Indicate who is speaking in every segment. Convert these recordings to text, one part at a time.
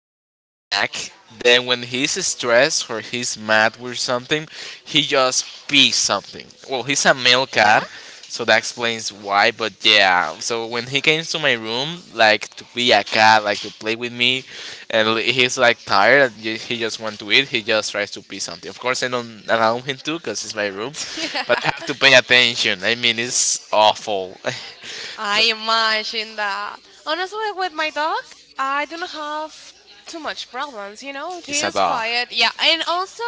Speaker 1: has his knack. Then when he's stressed or he's mad with something, he just pees something. Well, he's a male
Speaker 2: Yeah?
Speaker 1: cat, so that explains why. But yeah, so when he came to my room, like to be a cat, like to play with me, and he's like tired and he just want to eat, he just tries to pee something. Of course, I don't allow him to because it's my room,
Speaker 2: Yeah.
Speaker 1: but I have to pay attention. I mean, it's awful.
Speaker 2: I imagine that. Honestly, with my dog, I do not have too much problems, He
Speaker 1: It's a
Speaker 2: is
Speaker 1: dog.
Speaker 2: quiet. Yeah, and also,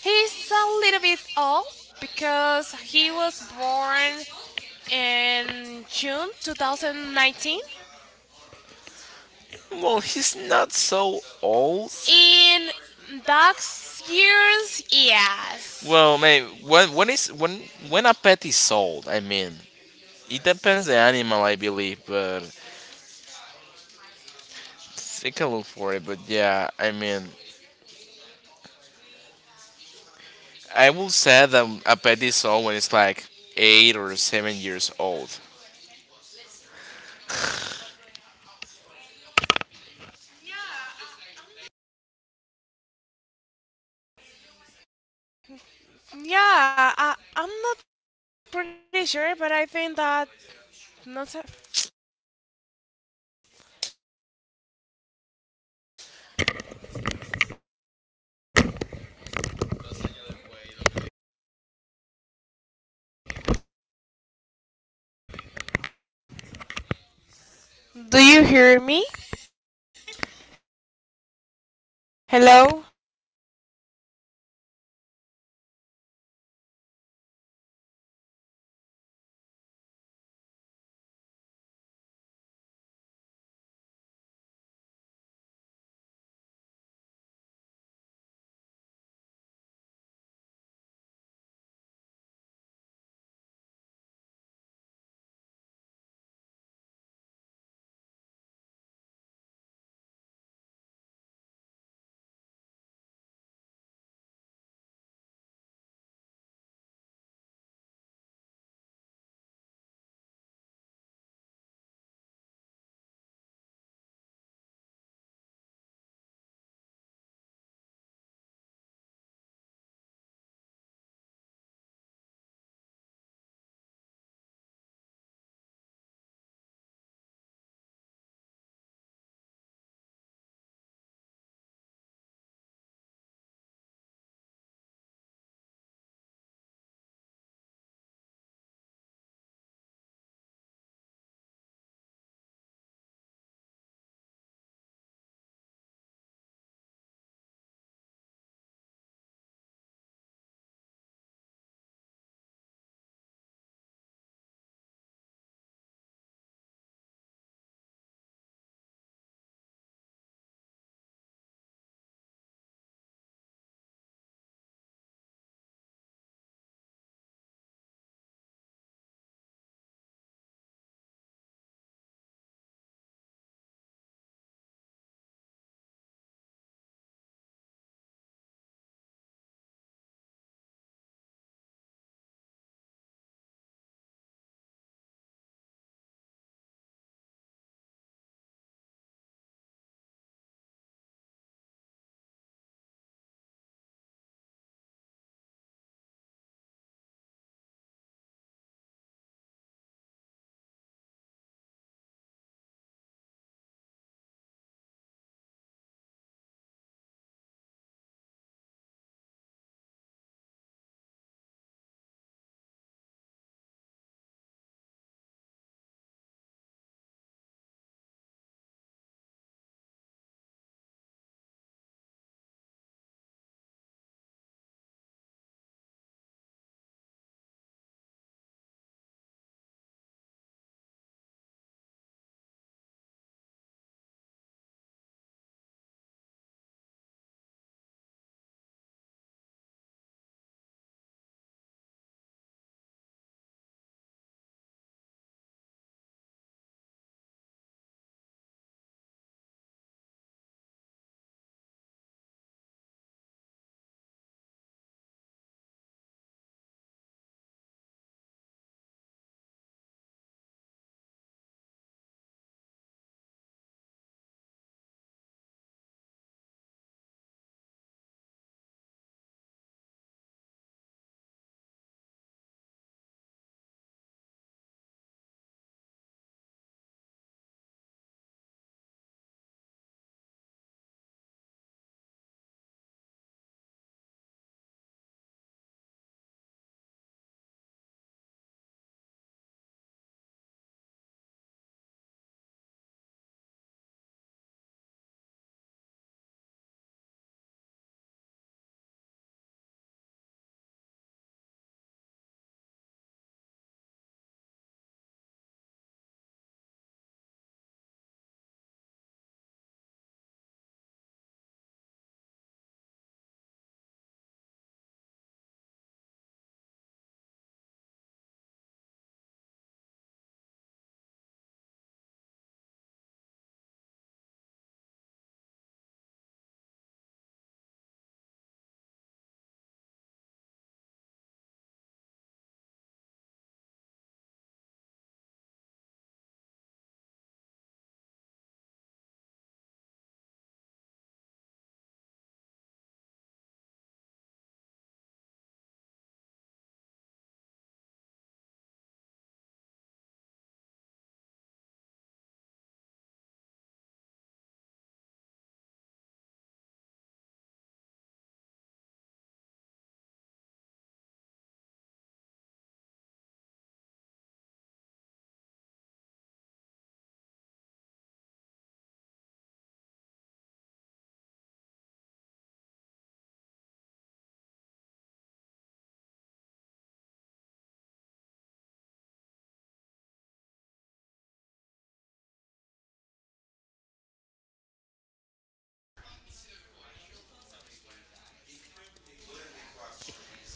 Speaker 2: he's a little bit old because he was born in June 2019.
Speaker 1: Well, he's not so old. Well, maybe when a pet is sold. I mean, it depends the animal, I believe, but take a look for it. But yeah, I mean, I will say that a pet is sold when it's like 8 or 7 years old.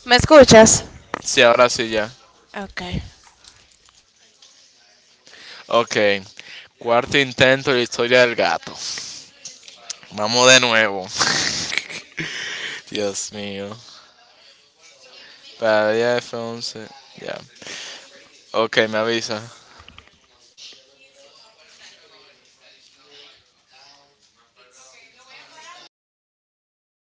Speaker 3: ¿Me escuchas?
Speaker 1: Sí, ahora sí ya.
Speaker 3: Ok.
Speaker 1: Okay. Cuarto intento de la historia del gato. Vamos de nuevo. Dios mío. Para el día de once. Ya. Ok, me avisa.